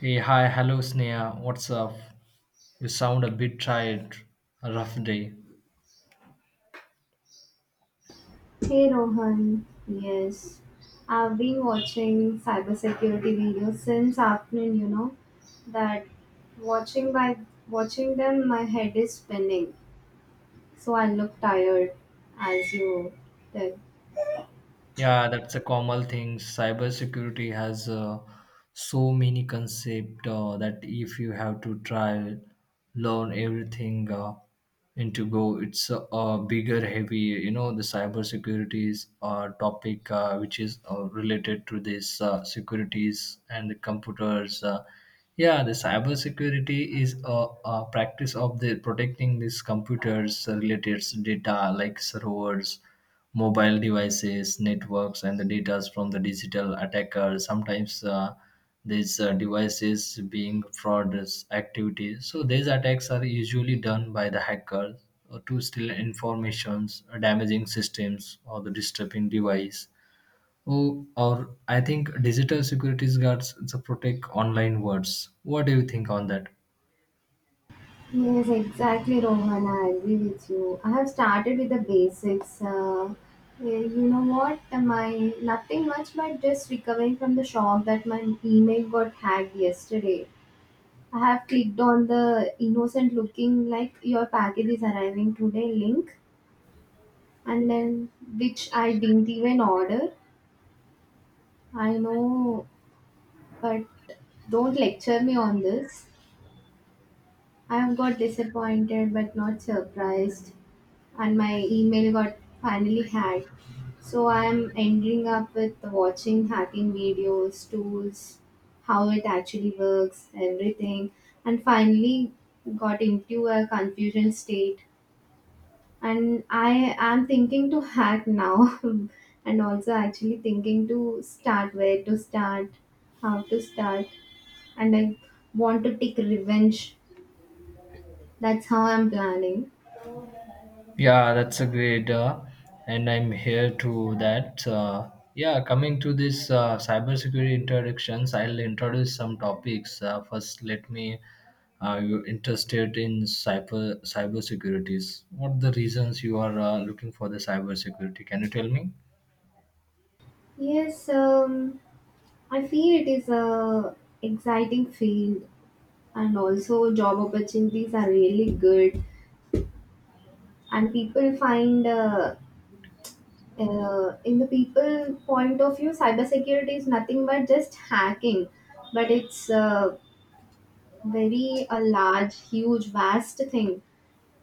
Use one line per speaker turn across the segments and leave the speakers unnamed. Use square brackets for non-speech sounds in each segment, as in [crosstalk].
Hey, hi, hello, Sneha. What's up? You sound a bit tired. A rough day.
Hey Rohan, yes, I've been watching cybersecurity videos since afternoon, that watching by watching them my head is spinning. So I look tired as you tell.
Yeah, that's a common thing. Cybersecurity has so many concept that if you have to try learn everything into go, it's a bigger heavy. You know, the cybersecurity is a topic which is related to this securities and the computers. Yeah, the cybersecurity is a practice of the protecting these computers related data like servers mobile devices, networks, and the data from the digital attacker. Sometimes these devices being fraud activities. So these attacks are usually done by the hackers to steal informations, damaging systems, or the disturbing device. Oh, or I think digital security guards to protect online words. What do you think on that?
Yes, exactly Rohan, I agree with you. I have started with the basics. You know what? My nothing much but just recovering from the shock that my email got hacked yesterday. I have clicked on the innocent looking like your package is arriving today link and then which I didn't even order. I know, but don't lecture me on this. I have got disappointed but not surprised, and my email got finally hacked. So I am ending up with watching hacking videos, tools, how it actually works, everything, and finally got into a confusion state, and I am thinking to hack now, [laughs] and also actually thinking to start where to start, how to start, and I want to take revenge. That's how I'm planning.
Yeah, that's a great, and I'm here to that. Yeah, coming to this cybersecurity introductions, I'll introduce some topics. First, let me. Are you interested in cybersecurities? What the reasons you are looking for the cybersecurity? Can you tell me?
Yes, I feel it is a exciting field, and also job opportunities are really good, and people find. In the people point of view cybersecurity is nothing but just hacking, but it's very a large, huge, vast thing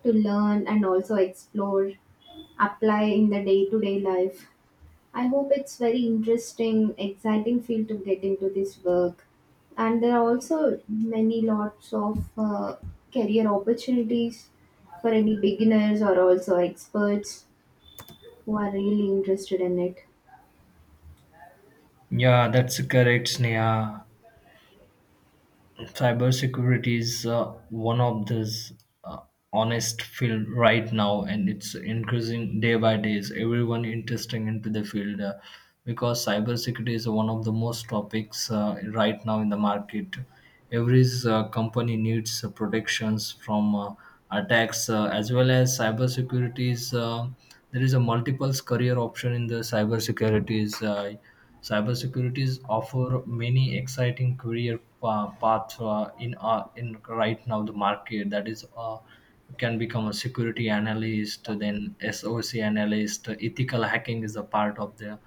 to learn and also explore, apply in the day to day life. I hope it's very interesting, exciting field to get into this work. And there are also many lots of career opportunities for any beginners or also experts who are really interested in it.
Yeah, that's correct, Sneha. Cybersecurity is one of those uh, honest field right now, and it's increasing day by day. Is everyone interesting into the field because cybersecurity is one of the most topics right now in the market? Every company needs protections from attacks as well as cybersecurity is there is a multiple career option in the cybersecurity is cybersecurities offer many exciting career paths in right now the market. That is you can become a security analyst, then SOC analyst. Ethical hacking is a part of there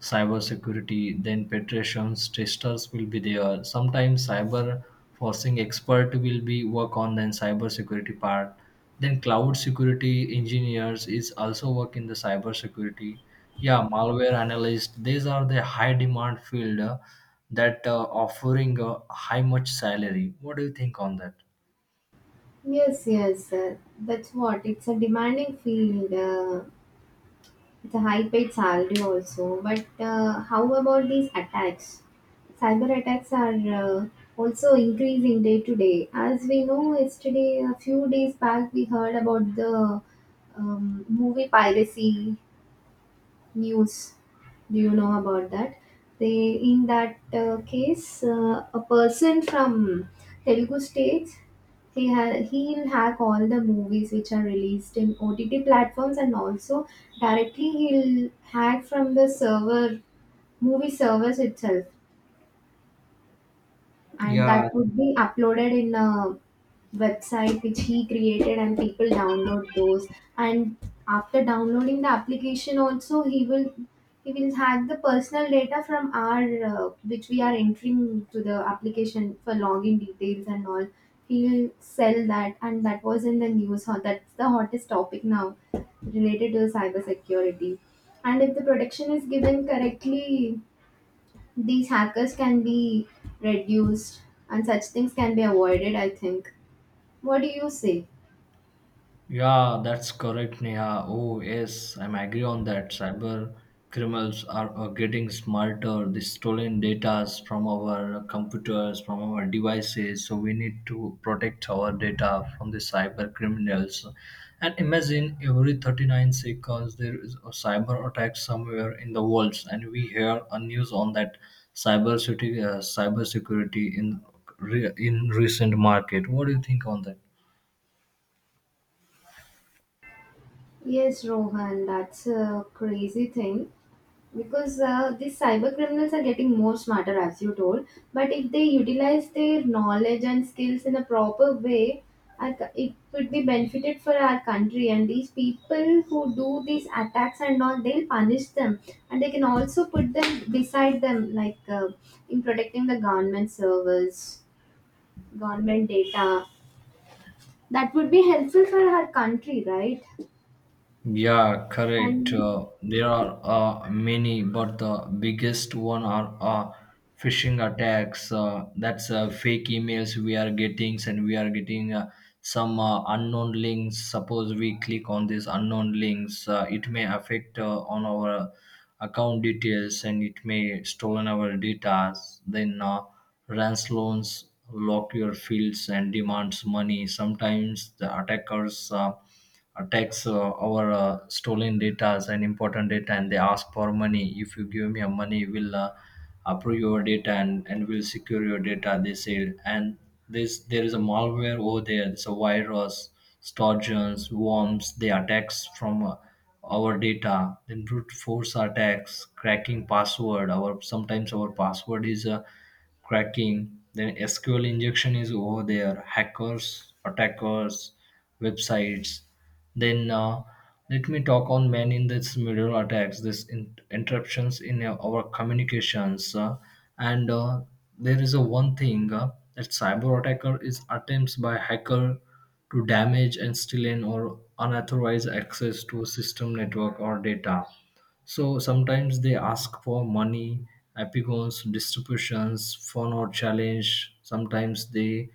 cybersecurity, then petrations, testers will be there. Sometimes cyber forcing expert will be work on then cyber security part. Then cloud security engineers is also work in the cyber security. Yeah, malware analyst. These are the high demand field that offering a high much salary. What do you think on that?
Yes, yes, that's what, it's a demanding field. It's a high paid salary also. But how about these attacks? Cyber attacks are also increasing day to day. As we know, yesterday, a few days back, we heard about the movie piracy news. Do you know about that? They, in that case, a person from Telugu states, he'll hack all the movies which are released in OTT platforms, and also directly he'll hack from the server, movie servers itself, and
Yeah,
that would be uploaded in a website which he created, and people download those, and after downloading the application also, he will hack the personal data from our, which we are entering to the application for login details and all, he'll sell that, and that was in the news. That's the hottest topic now related to cyber security, and if the protection is given correctly these hackers can be reduced, and such things can be avoided, I think. What do you say?
yeah, that's correct, Neha. Oh, yes, I'm agree on that. Cyber criminals are getting smarter. They stolen data from our computers, from our devices. So we need to protect our data from the cyber criminals. And imagine every 39 seconds there is a cyber attack somewhere in the world, and we hear a news on that cyber security, in recent market. What do you think on that?
Yes, Rohan, that's a crazy thing, because these cyber criminals are getting more smarter as you told, but if they utilize their knowledge and skills in a proper way, it would be benefited for our country, and these people who do these attacks and all, they'll punish them, and they can also put them beside them, like in protecting the government servers, government data. That would be helpful for her country, right?
Yeah, correct.
And
There are many, but the biggest one are phishing attacks. That's fake emails we are getting, and we are getting some unknown links. Suppose we click on these unknown links, it may affect on our account details, and it may stolen our data. Then loans lock your fields and demands money. Sometimes the attackers. Attacks our stolen data and important data, and they ask for money. If you give me a money, we'll approve your data, and will secure your data, they say. And this, there is a malware over there. It's a virus, sturgeons, worms. They attacks from our data. Then brute force attacks cracking password, our sometimes our password is cracking. Then SQL injection is over there, hackers attackers websites. Then let me talk on man in this middle attacks, this interruptions in our communications. And there is a one thing that cyber attacker is attempts by hacker to damage and steal in or unauthorized access to a system network or data. So sometimes they ask for money, epigons, distributions, fun or challenge. Sometimes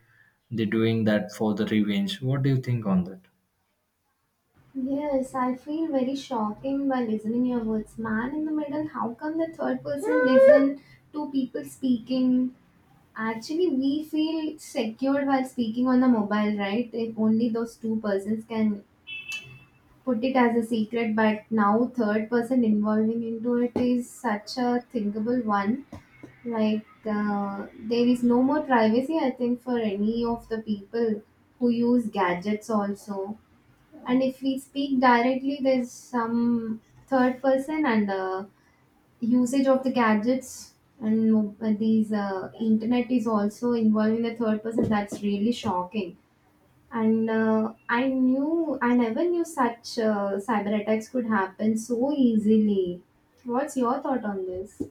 they doing that for the revenge. What do you think on that?
yes, I feel very shocking by listening your words. Man in the middle, how come the third person [laughs] listen to people speaking? Actually, we feel secured while speaking on the mobile, right? If only those two persons can put it as a secret, but now third person involving into it is such a thinkable one. Like, there is no more privacy, I think, for any of the people who use gadgets also. And if we speak directly, there's some third person, and usage of the gadgets and these internet is also involving the third person. That's really shocking. And I never knew such cyber attacks could happen so easily. What's your thought on this?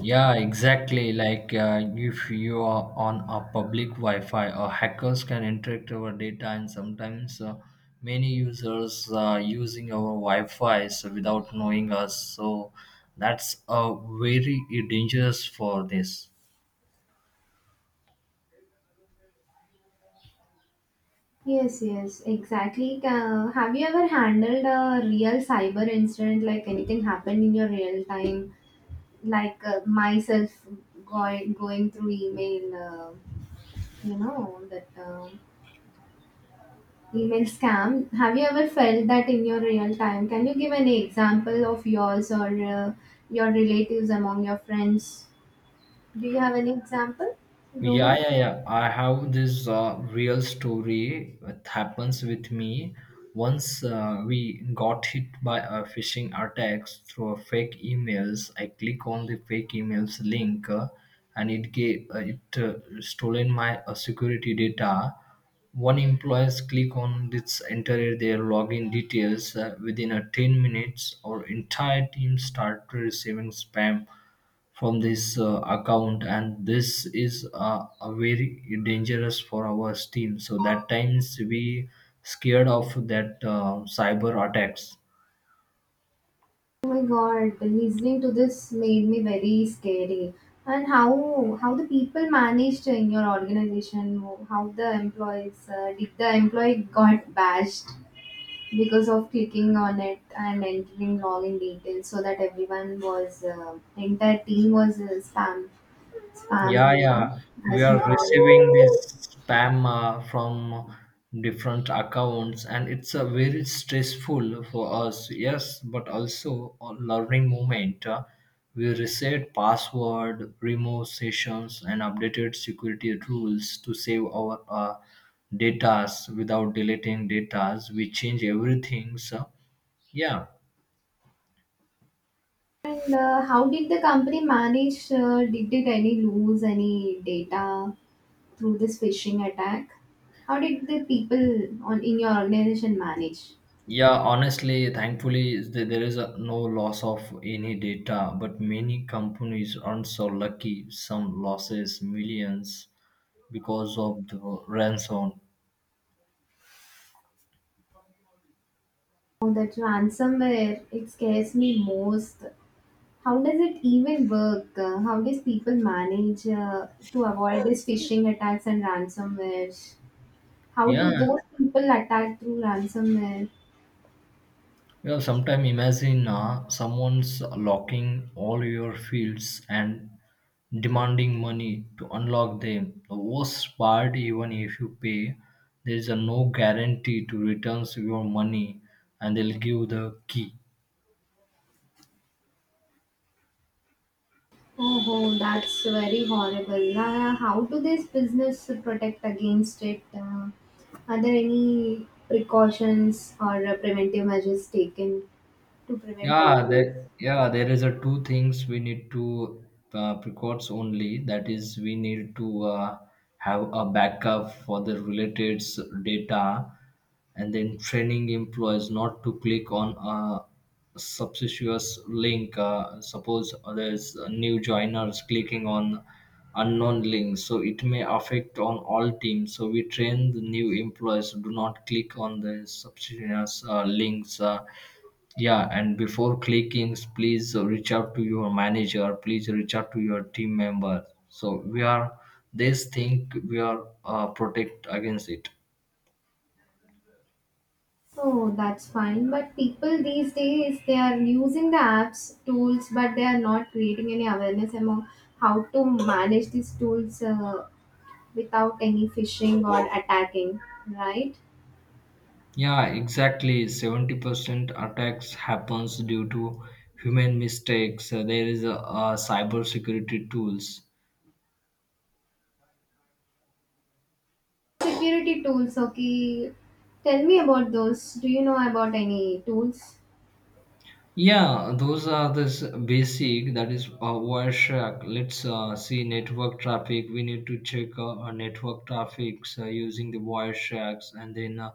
Yeah, exactly. Like if you are on a public Wi-Fi, hackers can interact our data, and sometimes many users using our Wi-Fi so without knowing us. So that's very dangerous for this.
Yes, yes, exactly. Ca have you ever handled a real cyber incident, like anything happened in your real time, like myself going through email, that email scam? Have you ever felt that in your real time? Can you give an example of yours, or your relatives among your friends? Do you have any example,
Yeah,
Rohan?
yeah, yeah. I have this real story that happens with me. Once we got hit by a phishing attacks through a fake emails. I click on the fake emails link, and it stolen my security data. One employees click on this, enter their login details within a 10 minutes. Our entire team started receiving spam from this account, and this is a very dangerous for our team. So that times we scared of that cyber attacks.
Oh my God, listening to this made me very scary. And how the people managed in your organization? How the employees did the employee got bashed because of clicking on it and entering login details, so that everyone was the entire team was spammed,
Yeah, yeah. We
as we
are receiving this
call.
spam from different accounts, and it's a very stressful for us. Yes, but also a learning moment. We reset password, remove sessions, and updated security rules to save our datas without deleting datas. We change everything. So, yeah.
And how did the company manage? Did it any lose any data through this phishing attack? How did the people on in your organization manage?
Yeah, honestly, thankfully, there is a, no loss of any data, but many companies aren't so lucky. Some losses millions because of the ransom.
Oh, that ransomware, it scares me most. How does it even work? How does people manage to avoid these phishing attacks and ransomware? How do
Yeah,
those people attack through ransomware?
you know, sometimes imagine someone's locking all your fields and demanding money to unlock them. The worst part, even if you pay, there is a no guarantee to returns your money, and they'll give the key.
Oh, that's very horrible. How do this business protect against it? Are there any precautions or preventive measures taken to prevent all
Yeah,
this?
that yeah, there is a two things we need to precautions only. That is, we need to have a backup for the related data, and then training employees not to click on a suspicious link. Suppose there's a new joiners clicking on unknown links, so it may affect on all teams. So we train the new employees do not click on the subsidiaries links. Yeah, and before clicking, please reach out to your manager, please reach out to your team member. So we are this thing, we are protect against it.
Oh, that's fine. But people these days, they are using the apps tools, but they are not creating any awareness among how to manage these tools without any phishing or attacking, right?
Yeah, exactly, 70% attacks happens due to human mistakes. There is a cyber security tools.
Security tools, okay. Tell me about those. Do you know about any tools?
Yeah, those are the basic. That is Wireshark. Let's see network traffic. We need to check our network traffics using the Wiresharks, and then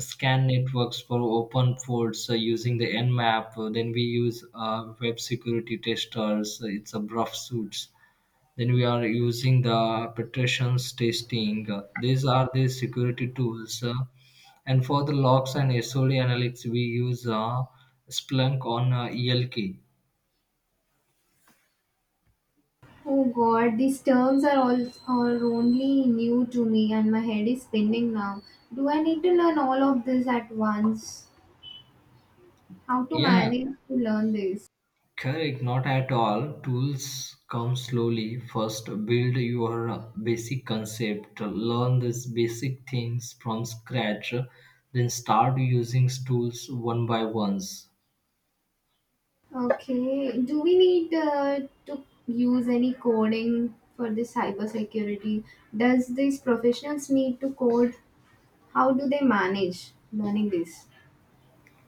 scan networks for open ports using the Nmap. Then we use web security testers. It's a rough suits. Then we are using the penetrations testing. These are the security tools. And for the logs and SOD analytics, we use Splunk on ELK.
Oh God, these terms are only new to me, and my head is spinning now. Do I need to learn all of this at once? How to
Yeah,
manage to learn this?
correct. Not at all. Tools come slowly. First, build your basic concept. Learn these basic things from scratch. Then start using tools one by ones.
Okay, do we need to use any coding for this cybersecurity? Does these professionals need to code? How do they manage learning this?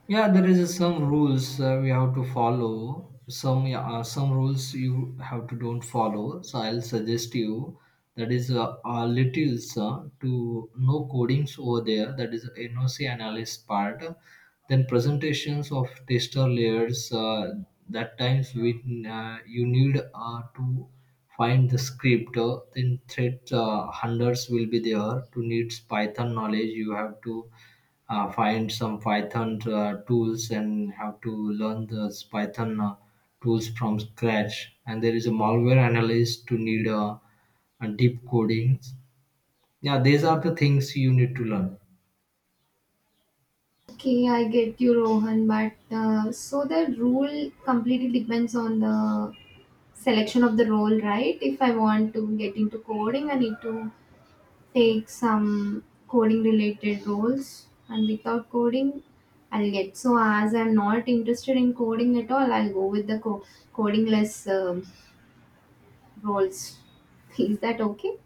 Yeah, there is some rules we have to follow. Some yeah, some rules you have to don't follow. So I'll suggest you that is little to no codings over there. That is NOC analyst part. Then presentations of tester layers. That times when you need to find the script. Then thread hundreds will be there to needs Python knowledge. You have to find some Python tools and have to learn those Python tools from scratch. And there is a malware analyst to need deep codings. Yeah, these are the things you need to learn.
Okay, I get you, Rohan, but so the rule completely depends on the selection of the role, right? If I want to get into coding, I need to take some coding related roles, and without coding, I'll get. So, as I'm not interested in coding at all, I'll go with the coding less roles. [laughs] Is that okay?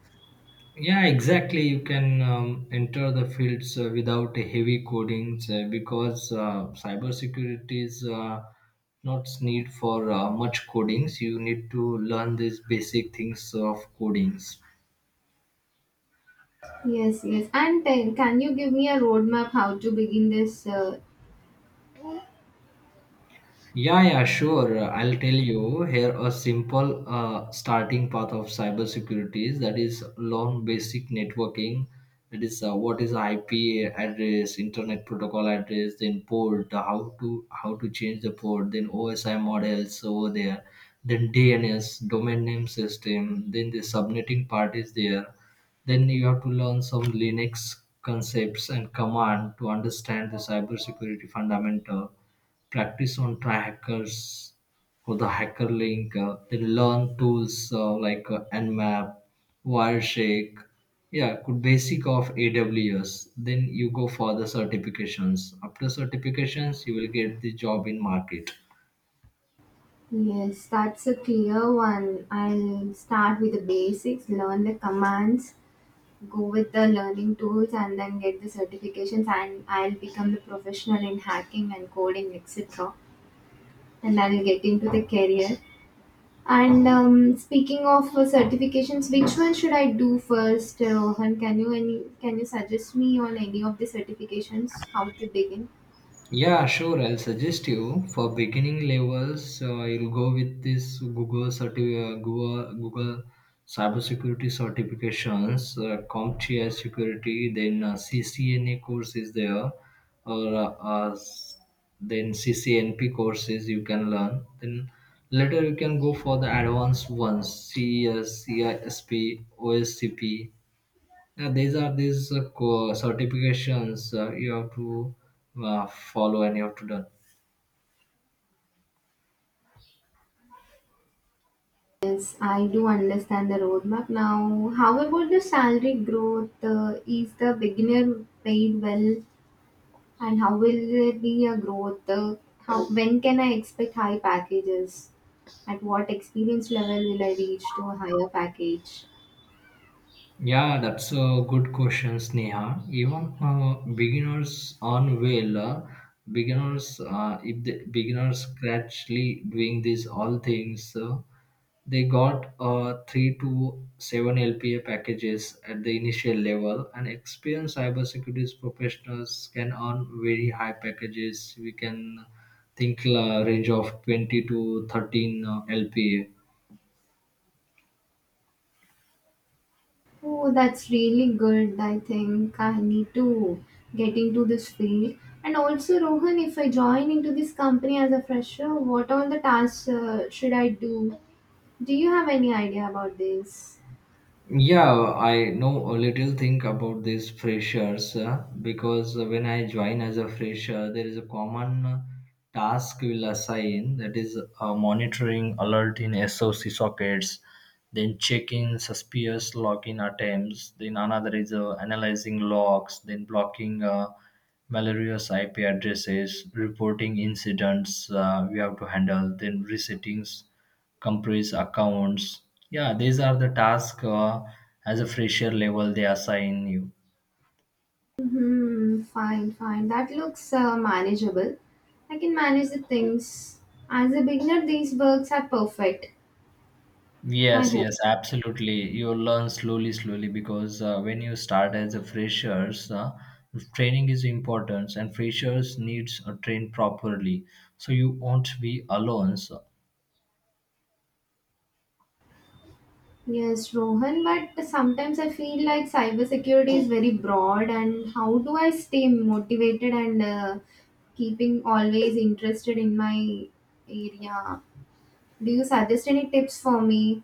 Yeah, exactly. You can enter the fields without a heavy codings because cybersecurity is not need for much codings. You need to learn these basic things of codings.
Yes, yes. And then, can you give me a roadmap how to begin this.
Yeah, yeah, sure. I'll tell you here a simple starting path of cybersecurity is that is long basic networking. That is what is IP address, internet protocol address, then port, how to change the port, then OSI models over there, then DNS domain name system, then the subnetting part is there. Then you have to learn some Linux concepts and command to understand the cybersecurity fundamental, practice on try hackers for the hacker link, then learn tools like Nmap, Wireshake. Yeah, could basic of AWS, then you go for the certifications. After certifications, you will get the job in market.
Yes, that's a clear one. I'll start with the basics, learn the commands, go with the learning tools, and then get the certifications. And I'll become the professional in hacking and coding, etc. And I'll get into the career. And speaking of certifications, which one should I do first, Rohan? Can you suggest me on any of the certifications how to begin?
Yeah, sure. I'll suggest you for beginning levels. You'll go with this Google Google cybersecurity certifications, CompTIA security, then CCNA course is there, or then CCNP courses you can learn. Then later you can go for the advanced ones, CES, CISP, OSCP. These are these certifications you have to follow and you have to learn.
Yes, I do understand the roadmap now. How about the salary growth? Is the beginner paid well, and how will there be a growth? How when can I expect high packages? At what experience level will I reach to a higher package?
Yeah, that's a good question, Sneha. Even beginners on well, beginners if the beginners gradually doing these all things, they got three to seven LPA packages at the initial level, and experienced cybersecurity professionals can earn very high packages. We can think range of 20 to 13 LPA.
Oh, that's really good. I think I need to get into this field. And also, Rohan, if I join into this company as a fresher, what all the tasks should I do? Do you have any idea about this?
Yeah, I know a little thing about these freshers because when I join as a fresher, there is a common task we'll assign. That is monitoring alert in SOC sockets, then checking suspicious login attempts, then another is analyzing logs, then blocking malicious IP addresses, reporting incidents we have to handle, then resettings compress accounts. Yeah, these are the tasks as a fresher level they assign you.
Hmm, fine, fine. That looks manageable. I can manage the things. As a beginner, these works are perfect. I
Yes,
hope.
yes, absolutely. You learn slowly, slowly because when you start as a freshers, training is important, and freshers needs a train properly. So you won't be alone. So,
Yes, Rohan, but sometimes I feel like cybersecurity is very broad, and how do I stay motivated and keeping always interested in my area? Do you suggest any tips for me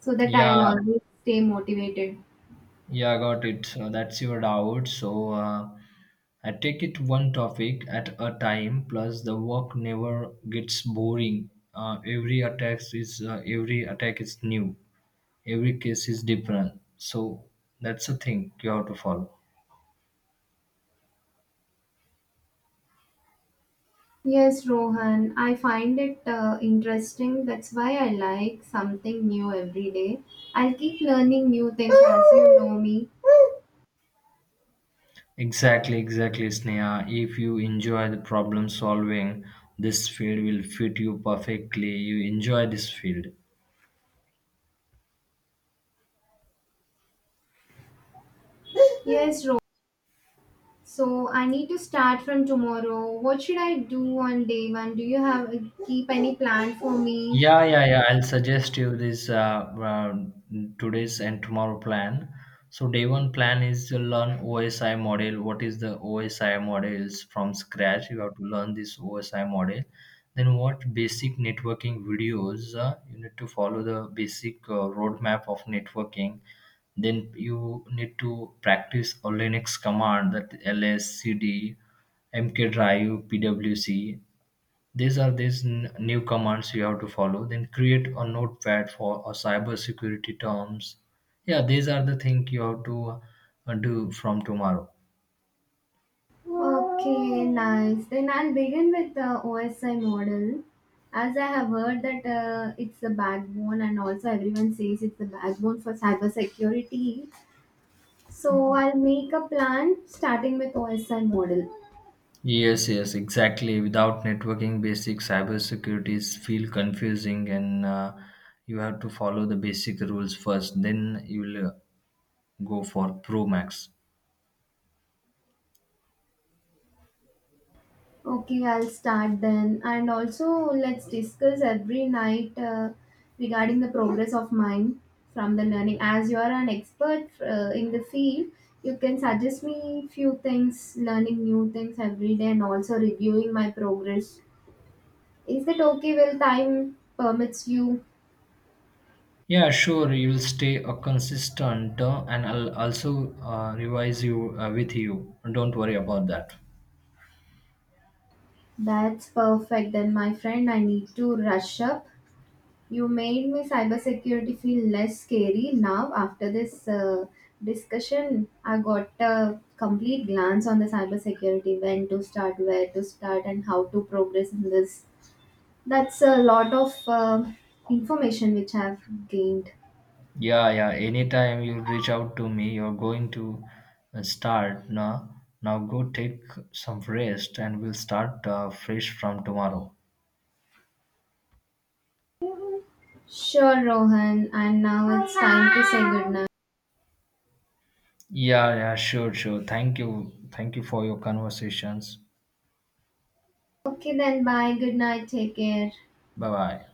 so that I'll
yeah.
always stay motivated?
Yeah, got it. So that's your doubt. So I take it one topic at a time. Plus, the work never gets boring. Every attack is new. Every case is different. So that's a thing you have to follow.
Yes, Rohan, I find it interesting. That's why I like something new every day. I'll keep learning new things, as you know me.
Exactly, exactly, Sneha. If you enjoy the problem solving, this field will fit you perfectly. You enjoy this field.
Yes, Rohan. So I need to start from tomorrow. What should I do on day one? Do you have keep any plan for me?
Yeah, yeah, yeah. I'll suggest you this uh, today's and tomorrow plan. So day one plan is to learn OSI model. What is the OSI models from scratch? You have to learn this OSI model. Then watch basic networking videos. You need to follow the basic roadmap of networking. Then you need to practice a Linux command. That ls, cd, mkdiv, pwc, these are these new commands you have to follow. Then create a notepad for a cyber security terms. Yeah, these are the thing you have to do from tomorrow.
Okay, nice. Then I'll begin with the OSI model. As I have heard that it's the backbone, and also everyone says it's the backbone for cybersecurity. So I'll make a plan starting with OSI model.
Yes, yes, exactly. Without networking, basic cyber securities feel confusing, and you have to follow the basic rules first. Then you will go for Pro Max.
Okay, I'll start then. And also, let's discuss every night regarding the progress of mine from the learning. As you are an expert in the field, you can suggest me few things, learning new things every day, and also reviewing my progress. Is that okay? Will time permits you?
Yeah, sure. You will stay a consistent, and I'll also revise you with you. Don't worry about that.
That's perfect. Then, my friend, I need to rush up. You made me cybersecurity feel less scary now after this discussion. I got a complete glance on the cybersecurity when to start, where to start, and how to progress in this. That's a lot of information which I've gained.
Yeah, yeah. Anytime you reach out to me, you're going to start now. Now go take some rest, and we'll start fresh from tomorrow.
Sure, Rohan, and now it's time to say goodnight.
Yeah, yeah. Sure, sure. Thank you for your conversations.
Okay, then bye. Good night. Take care.
Bye, bye.